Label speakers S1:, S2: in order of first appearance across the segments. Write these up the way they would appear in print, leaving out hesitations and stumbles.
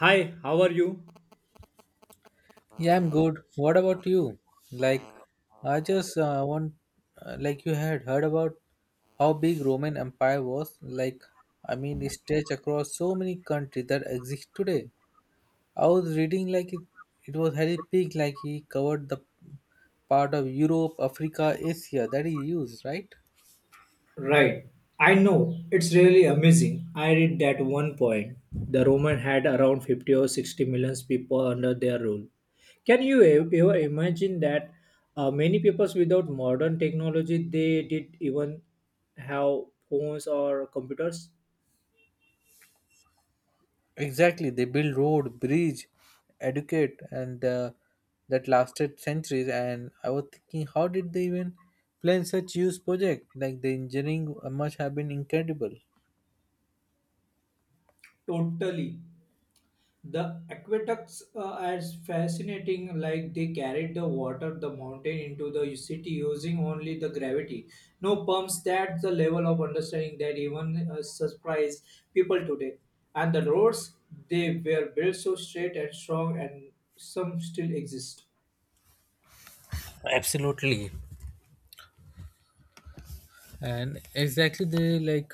S1: Hi, how are you?
S2: Yeah, I'm good. What about you? Like, I just want, like, you had heard about how big Roman Empire was. I mean, it stretched across so many countries that exist today. I was reading like it was very big. Like he covered the part of Europe, Africa, Asia that he used, right?
S1: Right. I know. It's really amazing. I read that one point. The Roman had around 50 or 60 million people under their rule. Can you ever imagine that many peoples without modern technology they did even have phones or computers?
S2: Exactly, they build road, bridge, educate, and that lasted centuries. And I was thinking, how did they even plan such huge project? Like the engineering must have been incredible.
S1: Totally. The aqueducts are fascinating, like they carried the water the mountain into the city using only the gravity. No pumps, that's the level of understanding that even surprise people today. And the roads, they were built so straight and strong, and some still exist.
S2: Absolutely. And exactly, they like.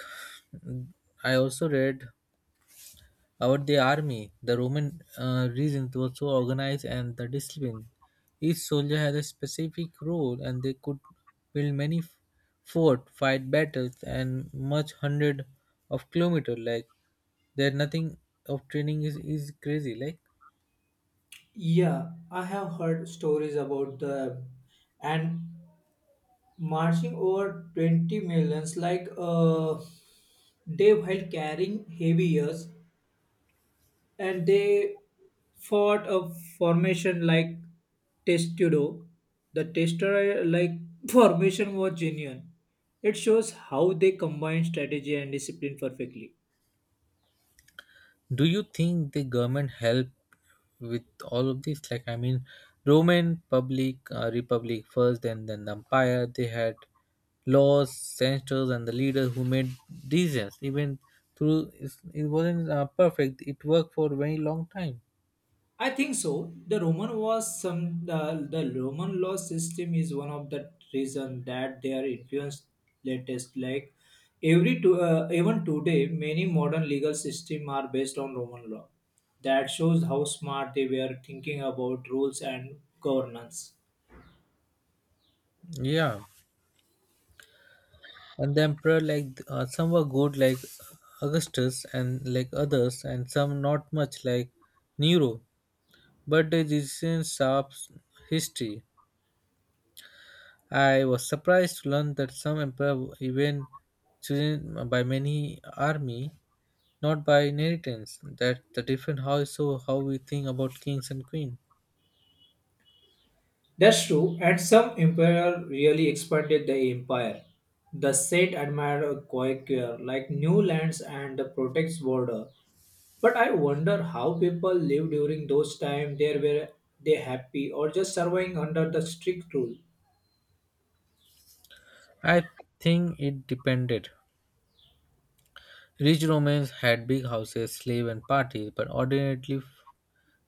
S2: I also read about the army, the Roman regions were so organized and the discipline. Each soldier had a specific role, and they could build many fort, fight battles, and much hundred of kilometer. Like there, nothing of training is crazy. Like,
S1: Yeah, I have heard stories about the and marching over 20 millions like they while carrying heavy years and they fought a formation like testudo. The tester like formation was genuine. It shows how they combine strategy and discipline perfectly.
S2: do you think the government help with all of this? Like, I mean, Roman public, republic first, then the empire, they had laws, senators and the leaders who made decisions even through it wasn't perfect, it worked for a very long time.
S1: I think so. The Roman was some the Roman law system is one of the reason that their influence latest like every to, even today many modern legal system are based on Roman law. That shows how smart they were thinking about rules and governance.
S2: Yeah, and the emperor, like, some were good like Augustus and like others, and some not much like Nero, but the decisions shapes history. I was surprised to learn that some emperors even chosen by many army, not by inheritance. That the different how, so how we think about kings and queen.
S1: That's true, and some emperor really expanded the empire. The Seth admired Guadalquivir like new lands and protects border. But I wonder how people lived during those times. There were they happy or just surviving under the strict rule?
S2: I think it depended. Rich Romans had big houses, slave and parties, but ordinarily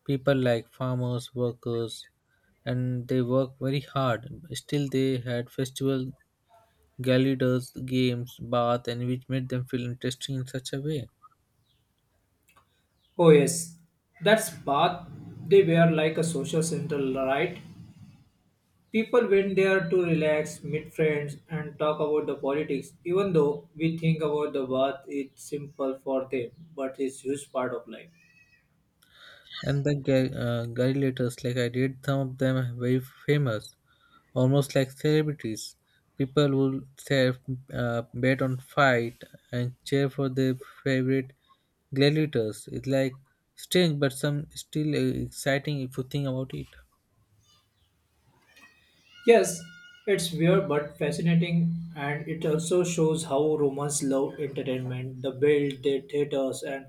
S2: people like farmers, workers, and they work very hard. Still, they had festival, gala, games, bath, and which made them feel interesting in such a way.
S1: Oh yes, that's path. They were like a social center, right? People went there to relax, meet friends, and talk about the politics. Even though we think about the bath, it's simple for them, but it's huge part of life.
S2: And the guy letters, like I did, some of them are very famous, almost like celebrities. People will say, bet on fight and cheer for their favorite gladiators. It's like strange, but some still exciting if you think about it.
S1: Yes, it's weird but fascinating, and it also shows how Romans love entertainment. They built their theaters and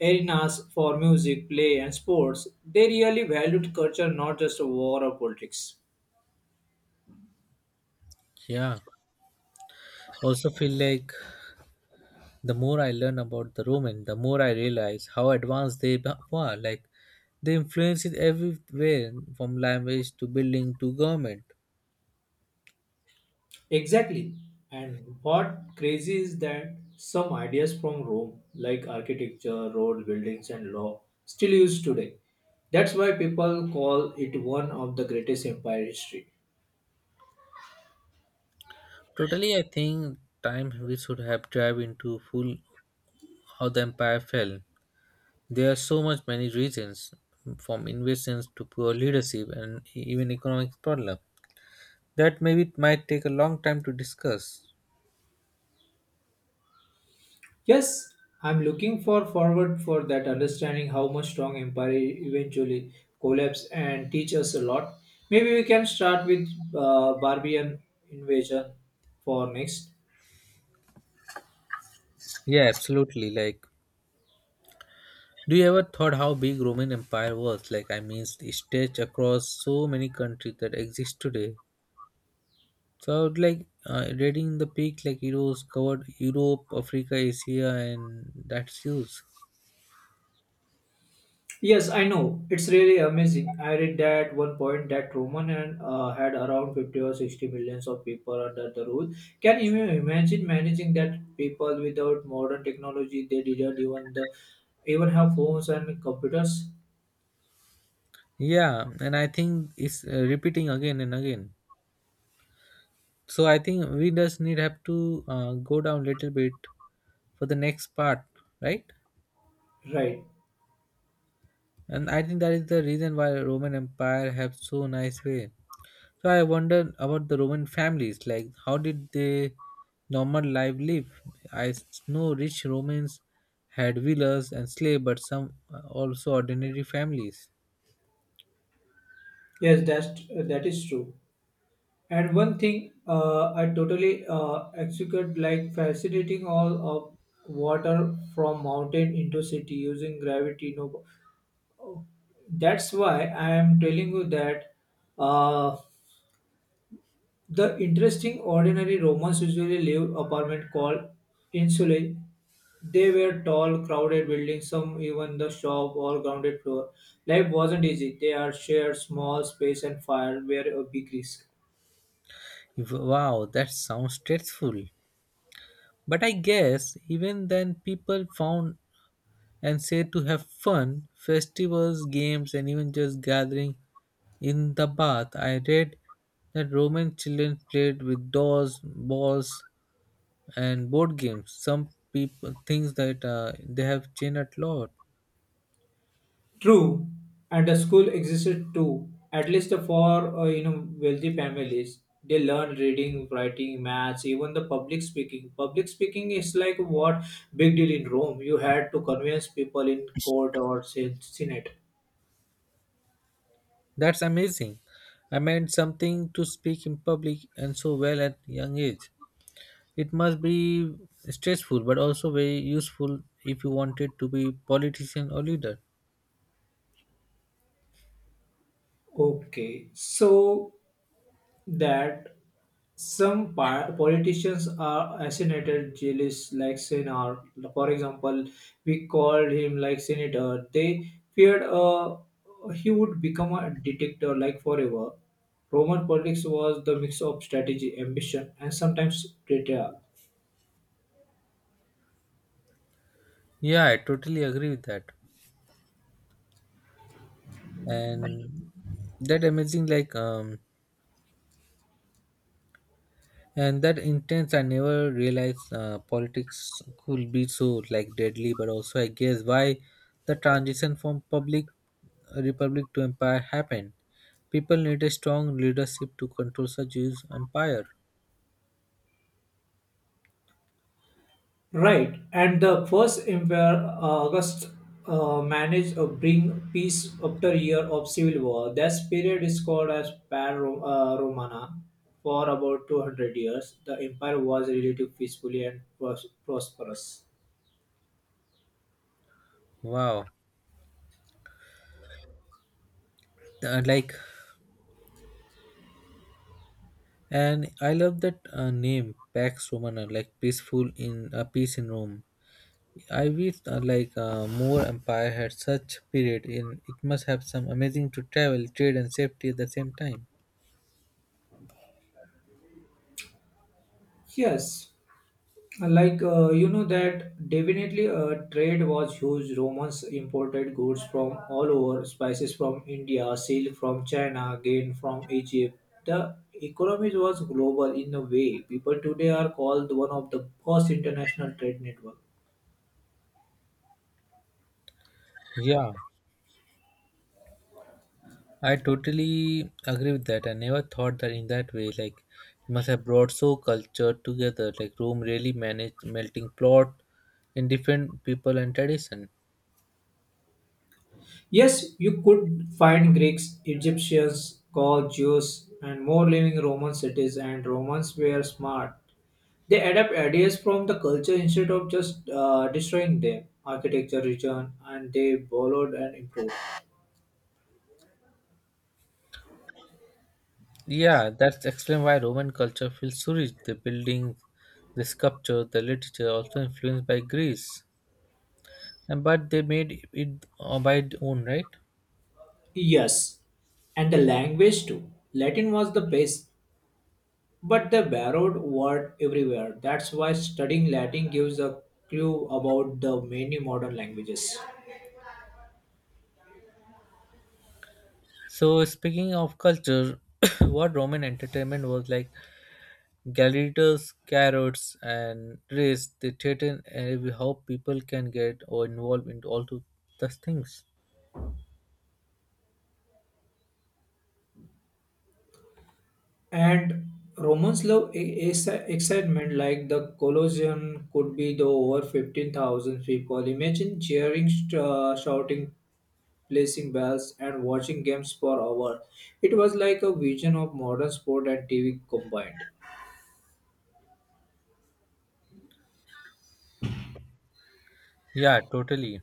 S1: arenas for music, play, and sports. They really valued culture, not just war or politics.
S2: Yeah, also feel like the more I learn about the Roman, the more I realize how advanced they were. Like they influenced everywhere from language to building to government.
S1: Exactly. And what crazy is that some ideas from Rome, like architecture, road buildings, and law, still used today. That's why people call it one of the greatest empire history.
S2: Totally, I think time we should have dive into full how the empire fell. There are so much many reasons, from invasions to poor leadership and even economic problem. That maybe it might take a long time to discuss.
S1: Yes, I'm looking for forward for that understanding how much strong empire eventually collapse and teach us a lot. Maybe we can start with Barbarian invasion for next.
S2: Yeah, absolutely. Like, do you ever thought how big Roman Empire was? Like, I mean, it stretched across so many countries that exist today. So I would like reading the peak like it was covered Europe, Africa, Asia, and that's huge.
S1: Yes, I know. It's really amazing. I read that one point that Roman and had around 50 or 60 millions of people under the rule. Can you imagine managing that people without modern technology? They didn't even the even have phones and computers,
S2: Yeah, and I think it's repeating again and again. So I think we just need have to go down little bit for the next part, right?
S1: right?
S2: And I think that is the reason why Roman Empire have so nice way. So I wonder about the Roman families, like how did they normal life live? I know rich Romans had villas and slave, but some also ordinary families.
S1: Yes, that is true. And one thing I totally execute like facilitating all of water from mountain into city using gravity no that's why I am telling you that uh, the interesting ordinary Romans usually lived apartment called insulae. They were tall, crowded buildings, some even the shop or grounded floor. Life wasn't easy. They are shared small space and fire were a big risk.
S2: Wow, that sounds stressful. But I guess even then, people found and said to have fun, festivals, games, and even just gathering in the bath. I read that Roman children played with dolls, balls, and board games. Some people things that they have changed a lot.
S1: True, and the school existed too. At least for you know wealthy families, they learn reading, writing, maths, even the public speaking. Public speaking is like what big deal in Rome. You had to convince people in court or senate.
S2: That's amazing. I meant something to speak in public and so well at young age. It must be stressful, but also very useful if you wanted to be politician or leader.
S1: Okay, so that some politicians are assassinated jealous like senator, for example, we called him like senator they feared he would become a dictator like forever. Roman politics was the mix of strategy ambition and sometimes data.
S2: Yeah, I totally agree with that. And that amazing, like, and that intense, I never realized politics could be so like deadly. But also, I guess why the transition from public, republic to empire happened. People need a strong leadership to control such huge empire.
S1: Right, and the first empire, August, managed to bring peace after year of civil war. This period is called as Romana. For about 200 years, the empire was relatively peacefully and prosperous.
S2: Wow. Uh, like, and I love that name Pax Romana, like peaceful in, peace in Rome. I wish more empire had such period. In it must have some amazing to travel, trade, and safety at the same time.
S1: Yes, like you know that definitely trade was huge. Romans imported goods from all over: spices from India, silk from China, grain from Egypt. The economy was global in a way people today are called one of the first international trade network.
S2: Yeah, I totally agree with that. I never thought that in that way. Like it must have brought so culture together. Like Rome really managed melting plot in different people and tradition.
S1: Yes, you could find Greeks, Egyptians, Gauls, Jews and more living Roman cities, and Romans were smart. They adapt ideas from the culture instead of just destroying them. Architecture region and they borrowed and improved.
S2: Yeah, that's explain why Roman culture feels so rich. The buildings, the sculpture, the literature also influenced by Greece, and but they made it by their own, right?
S1: Yes, and the language too. Latin was the base, but they borrowed word everywhere. That's why studying Latin gives a clue about the many modern languages.
S2: So speaking of culture, what Roman entertainment was like gladiators, carrots, and race. They threaten and how people can get or involved into all to those things.
S1: And Romans love excitement like the Colosseum could be the over 15,000 people. Imagine cheering, shouting, placing bells, and watching games for hours. It was like a vision of modern sport and TV combined.
S2: Yeah, totally.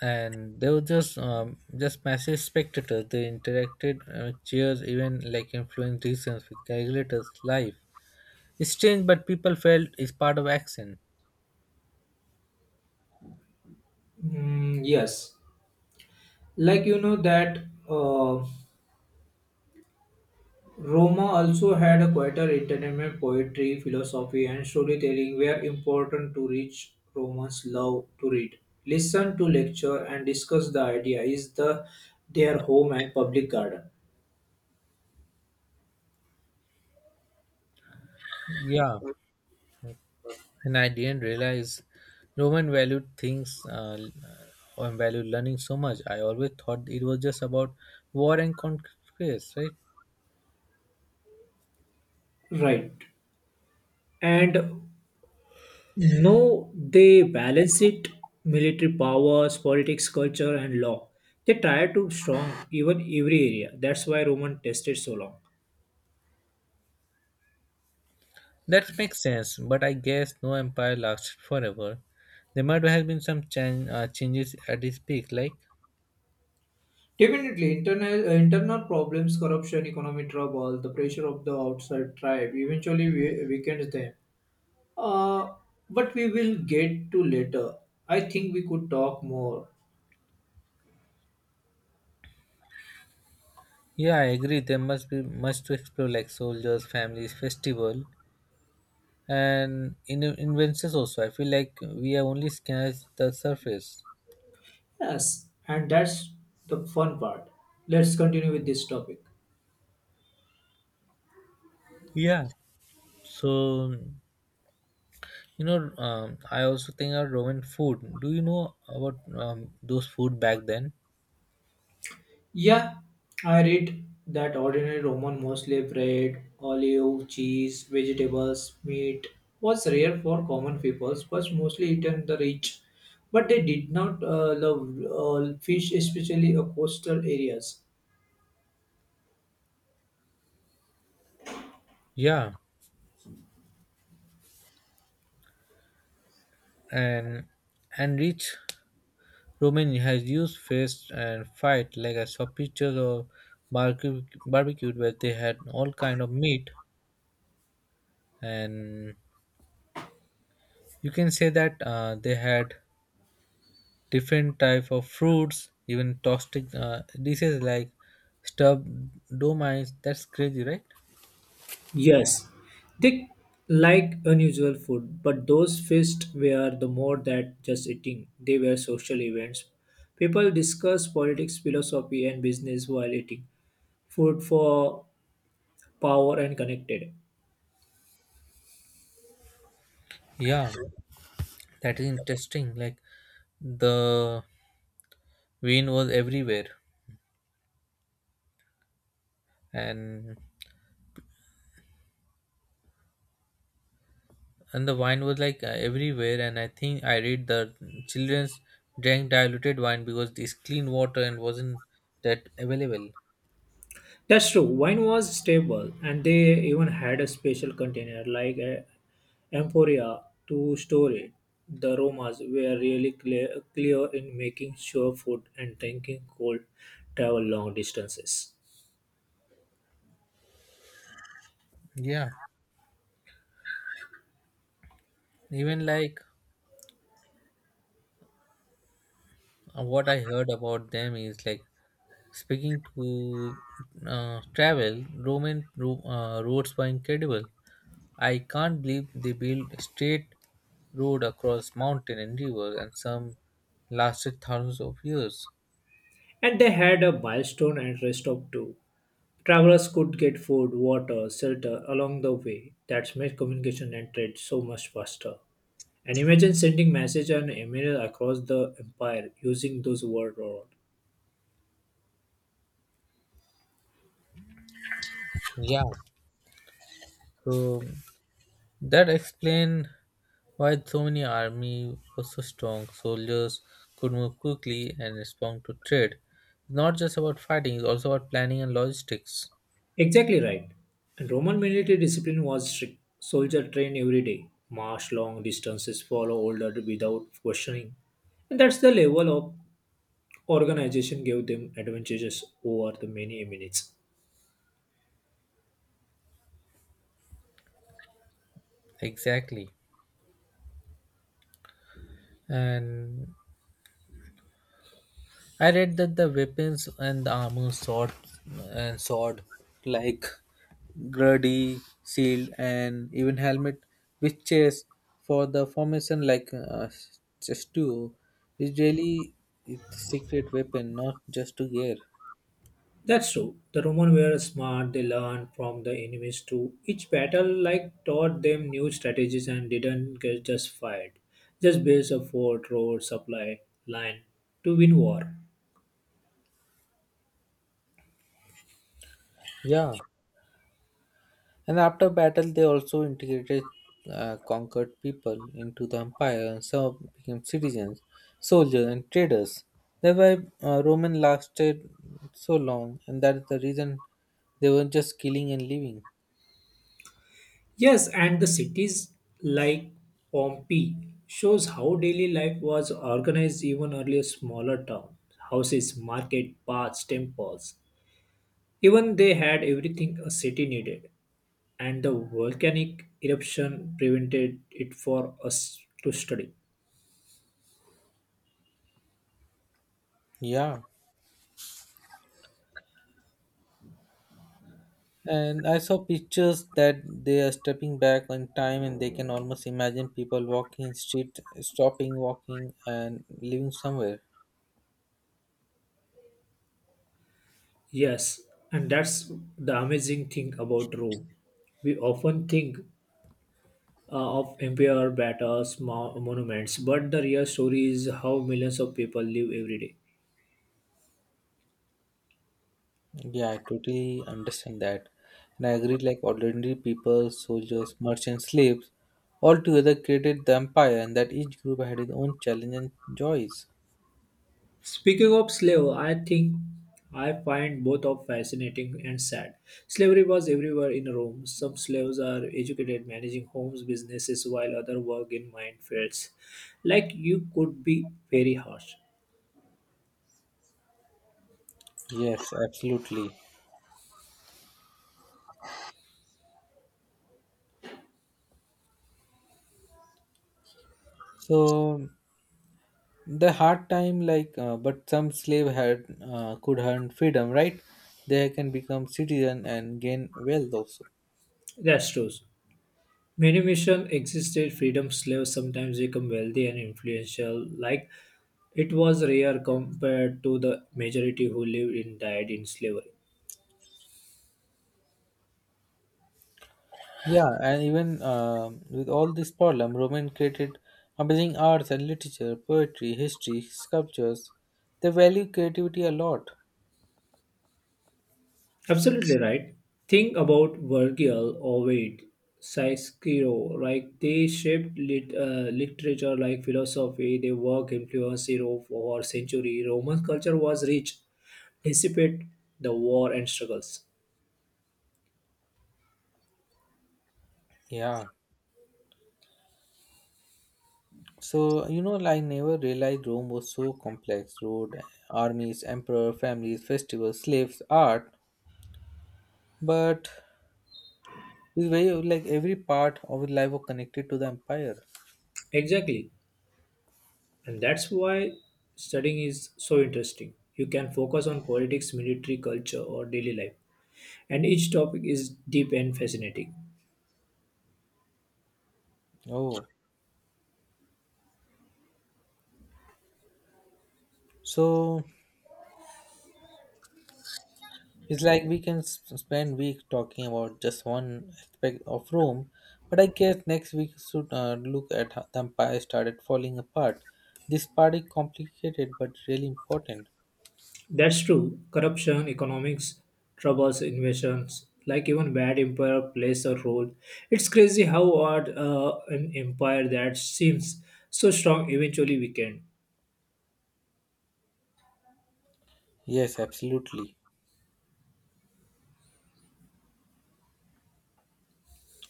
S2: And they were just massive spectators. They interacted, cheers, even like influenced decisions with gladiators' life. It's strange, but people felt it's part of action.
S1: Mm, yes, like you know that. Uh, Roma also had a quieter entertainment: poetry, philosophy, and storytelling were important to reach. Romans love to read, listen to lecture, and discuss the idea is the their home and public garden.
S2: Yeah. And I didn't realize Roman valued things, and valued learning so much. I always thought it was just about war and conquest, right?
S1: Right. And no, they balance it: military powers, politics, culture, and law. They try to strong even every area. That's why Roman tested so long.
S2: That makes sense, but I guess no empire lasted forever. There might have been some changes at its peak, like
S1: Definitely, internal problems, corruption, economic trouble, the pressure of the outside tribe eventually weakens them. Uh, but we will get to later. I think we could talk more.
S2: yeah, I agree. There must be much to explore, like soldiers, families, festival, and in inventions also. I feel like we have only scratched the surface.
S1: Yes, and that's the fun part. Let's continue with this topic.
S2: Yeah. So you know, I also think of Roman food. Do you know about those food back then?
S1: Yeah, I read that ordinary Roman mostly bread, olive, cheese, vegetables, meat was rare for common people, but mostly eaten the rich. But they did not love fish, especially coastal areas.
S2: Yeah, and and rich Roman has used fist and fight. Like I saw pictures of barbecued where they had all kind of meat, and you can say that they had different type of fruits, even toxic dishes like stuffed domites. That's crazy, right?
S1: Yes, they like unusual food, but those feasts were the more that just eating. They were social events. People discuss politics, philosophy, and business while eating. Food for power and connected.
S2: Yeah, that is interesting. Like the Wine was everywhere, and and the wine was like, everywhere. And I think I read the childrens drank diluted wine because it's clean water and wasn't that available.
S1: That's true. Wine was stable, and they even had a special container like a amphoria to store it. The Romans were really clear in making sure food and drinking cold travel long distances.
S2: Yeah, even like, what I heard about them is like speaking to, travel, Roman roads were incredible. I can't believe they built a straight road across mountain and river, and some lasted thousands of years.
S1: And they had a milestone and rest stop too. Travelers could get food, water, shelter along the way. That's made communication and trade so much faster. And imagine sending message and email across the empire using those word or
S2: Yeah. So that explained why so many army was so strong. Soldiers could move quickly and respond to trade. It's not just about fighting, it's also about planning and logistics.
S1: exactly right. And Roman military discipline was strict. Soldier trained every day, march long distances, follow order without questioning. And that's the level of organization gave them advantages over the many eminence.
S2: Exactly. And I read that the weapons and the armor, sword like gruddy, shield and even helmet which chase for the formation like, just two is really it's secret weapon not just to gear.
S1: That's true. The Romans were smart, they learned from the enemies too. Each battle like taught them new strategies and didn't get just fight. Just build a fort, road, supply line to win war.
S2: Yeah, and after battle, they also integrated conquered people into the empire, and some became citizens, soldiers, and traders. That's why Roman lasted so long, and that is the reason they weren't just killing and leaving.
S1: Yes, and the cities like Pompeii shows how daily life was organized even earlier smaller towns. Houses, market, baths, temples. Even they had everything a city needed, and the volcanic eruption prevented it for us to study.
S2: Yeah, and I saw pictures that they are stepping back on time, and they can almost imagine people walking in street, stopping walking, and living somewhere.
S1: Yes, and that's the amazing thing about Rome. We often think of empire, battles, monuments, but the real story is how millions of people live every day.
S2: Yeah, I totally understand that. And I agree, like ordinary people, soldiers, merchants, slaves, all together created the empire and that each group had its own challenge and joys.
S1: Speaking of slave, I think I find both of fascinating and sad. Slavery was everywhere in Rome. Some slaves are educated, managing homes, businesses, while others work in minefields. Like you could be very harsh.
S2: Yes, absolutely. So the hard time like, but some slave had, could earn freedom, right? They can become citizen and gain wealth also.
S1: That's true. Many missions existed. Freedom slaves sometimes become wealthy and influential. Like it was rare compared to the majority who lived and died in slavery.
S2: Yeah, and even with all this problem, Roman created amazing arts and literature, poetry, history, sculptures. They value creativity a lot.
S1: Absolutely right. Think about Virgil, Ovid, Cicero, like they shaped literature like philosophy. Their work influenced Europe for century. Roman culture was rich, dissipate the war and struggles.
S2: Yeah. So, you know, I never realized Rome was so complex, road, armies, emperor, families, festivals, slaves, art. But it's very like every part of life was connected to the empire.
S1: Exactly. And that's why studying is so interesting. You can focus on politics, military, culture, or daily life. And each topic is deep and fascinating.
S2: Oh. So, it's like we can spend week talking about just one aspect of Rome, but I guess next week we should look at how the empire started falling apart. This part is complicated but really important.
S1: That's true. Corruption, economics, troubles, invasions, like even bad empire plays a role. It's crazy how odd an empire that seems so strong eventually weakened.
S2: Yes, absolutely.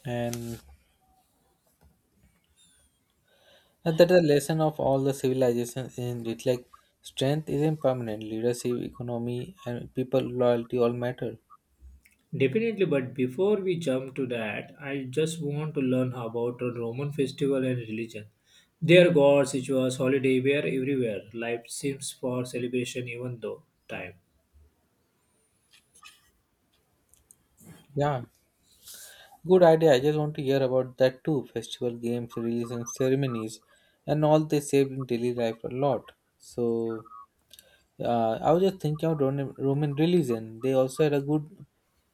S2: And that's the lesson of all the civilizations in it. Like strength is impermanent, leadership, economy, and people loyalty all matter.
S1: Definitely, but before we jump to that, I just want to learn about the Roman festival and religion. Their gods, rituals, holiday were everywhere. Life seems for celebration even though time.
S2: Yeah, good idea. I just want to hear about that too. Festival games, religion, ceremonies, and all they saved in daily life a lot. So I was just thinking about Roman religion. They also had a good.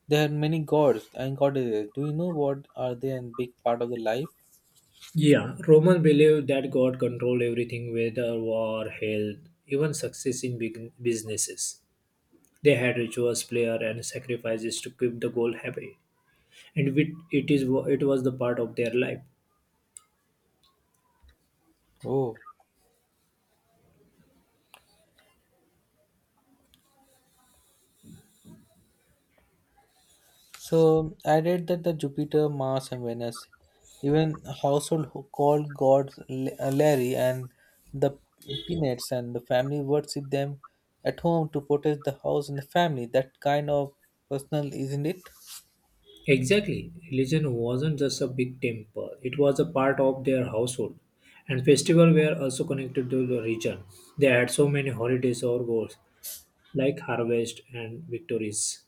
S2: They had many gods and goddesses. Do you know what are they and big part of the life?
S1: Yeah, Romans believed that God controlled everything, whether war, health, even success in big businesses. They had rituals, prayer, and sacrifices to keep the goal happy, and it is it was the part of their life.
S2: Oh, so I read that the Jupiter, Mars, and Venus, even household called gods, Larry and the peanuts, and the family worship them at home to protect the house and the family. That kind of personal, isn't it?
S1: Exactly, religion wasn't just a big temple; it was a part of their household, and festivals were also connected to the region. They had so many holidays or goals, like harvest and victories.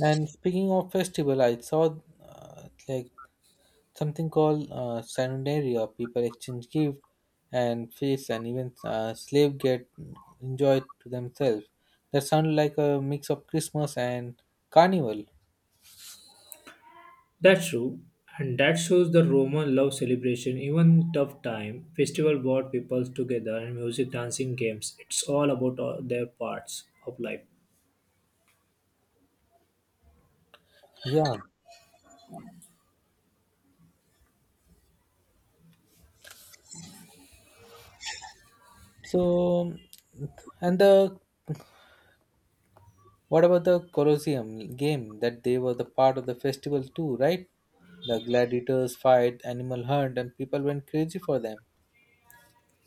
S2: And speaking of festival, I saw, something called Saturnalia. People exchange gifts and feasts, and even slave get enjoyed to themselves. That sounds like a mix of Christmas and carnival.
S1: That's true, and that shows the Roman love celebration. Even in tough time, festival brought people together, and music, dancing, games. It's all about all their parts of life.
S2: Yeah. So, and the what about the Colosseum game? That they were the part of the festival too, right? The gladiators fight, animal hunt, and people went crazy for them.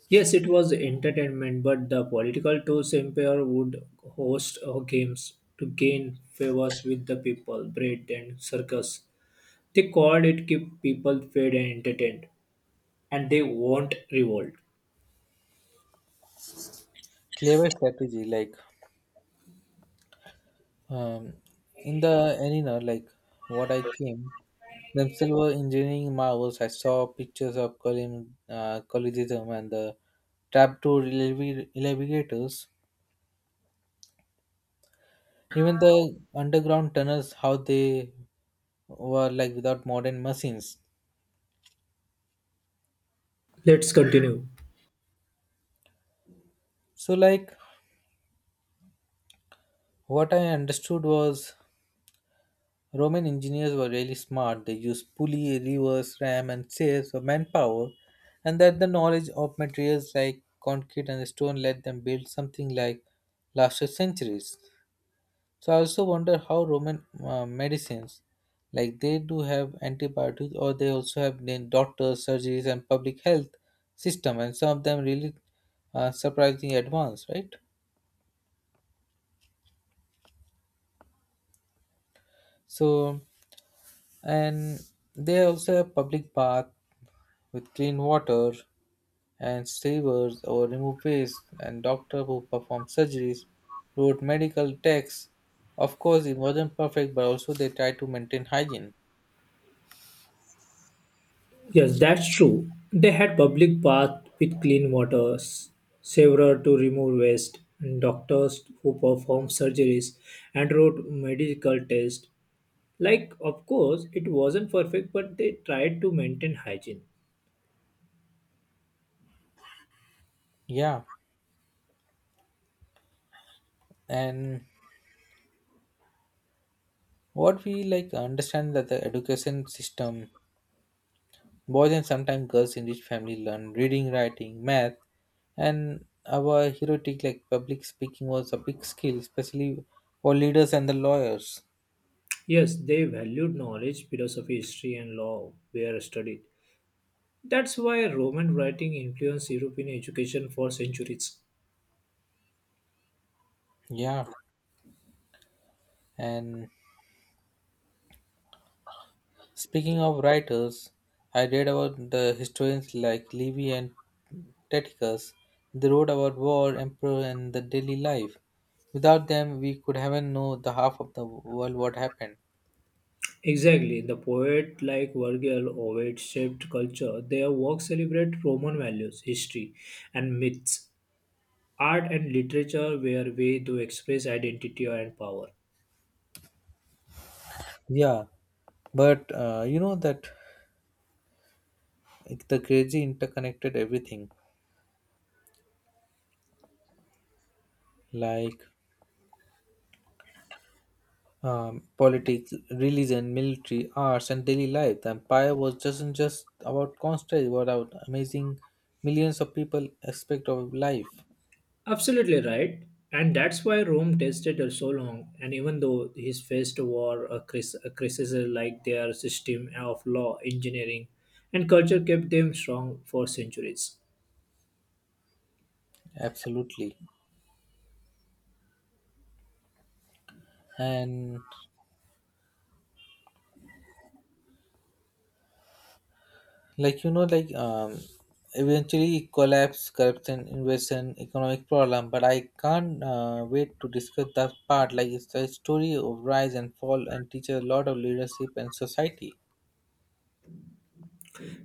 S1: Yes, it was entertainment, but the political tools empire would host games to gain favors with the people, bread and circus. They called it keep people fed and entertained, and they won't revolt.
S2: Clever strategy. Like, Um, in the arena, like, what I came, themselves were engineering marvels. I saw pictures of column, collegism and the trapdoor elevators, even the underground tunnels, how they were like without modern machines.
S1: Let's continue.
S2: So, like what I understood was Roman engineers were really smart. They used pulley, rivers, ram, and sails of manpower, and that the knowledge of materials like concrete and stone let them build something like lasted centuries. So I also wonder how Roman medicines, like they do have antibiotics, or they also have then doctors, surgeries, and public health system, and some of them really surprisingly advanced, right? So and they also have public bath with clean water and savers or remove waste, and doctor who performed surgeries, wrote medical texts. Of course, it wasn't perfect, but also they tried to maintain hygiene.
S1: Yes, that's true. They had public baths with clean water, several to remove waste, and doctors who performed surgeries, and wrote medical tests. Like, of course, it wasn't perfect, but they tried to maintain hygiene.
S2: Yeah, and what we like understand that the education system, boys and sometimes girls in rich family learn reading, writing, math, and our heroic like public speaking was a big skill, especially for leaders and the lawyers.
S1: Yes, they valued knowledge, philosophy, history, and law were studied. That's why Roman writing influenced European education for centuries.
S2: Yeah, and speaking of writers, I read about the historians like Livy and Tacitus. They wrote about war, emperor, and the daily life. Without them, we could haven't know the half of the world what happened.
S1: Exactly. The poet like Virgil, Ovid shaped culture. Their works celebrate Roman values, history, and myths. Art and literature were a way to express identity and power.
S2: Yeah, but you know that it- the crazy interconnected everything like, politics, religion, military, arts, and daily life. The empire was just about conquest, it was about amazing millions of people aspect of life.
S1: Absolutely right. And that's why Rome tasted her so long. And even though his faced war, a a criticism like their system of law, engineering, and culture kept them strong for centuries.
S2: Absolutely. And like you know, like eventually collapse, corruption, invasion, economic problem. But I can't wait to discuss that part. Like it's a story of rise and fall and teaches a lot of leadership and society.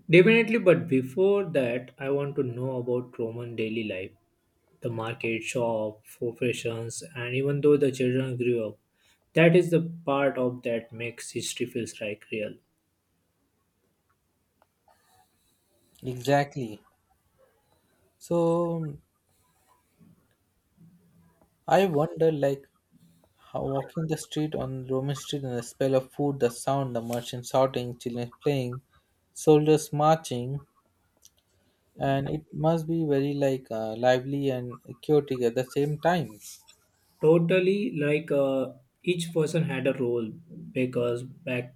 S1: Definitely, but before that, I want to know about Roman daily life: the market, shop, professions, and even though the children grew up. That is the part of that makes history feels like real.
S2: Exactly. So I wonder, like, how walking the street on Roman street and the smell of food, the sound, the merchants shouting, children playing, soldiers marching. And it must be very like, lively and chaotic at the same time.
S1: Totally, like each person had a role: bakers, back,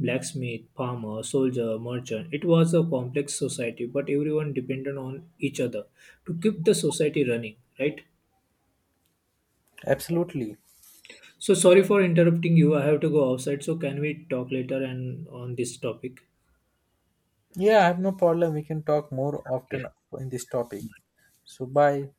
S1: blacksmith, farmer, soldier, merchant. It was a complex society, but everyone depended on each other to keep the society running, right?
S2: Absolutely.
S1: So sorry for interrupting you. I have to go outside. So can we talk later and on this topic?
S2: Yeah, I have no problem, we can talk more often
S1: Okay.
S2: in this topic. So bye.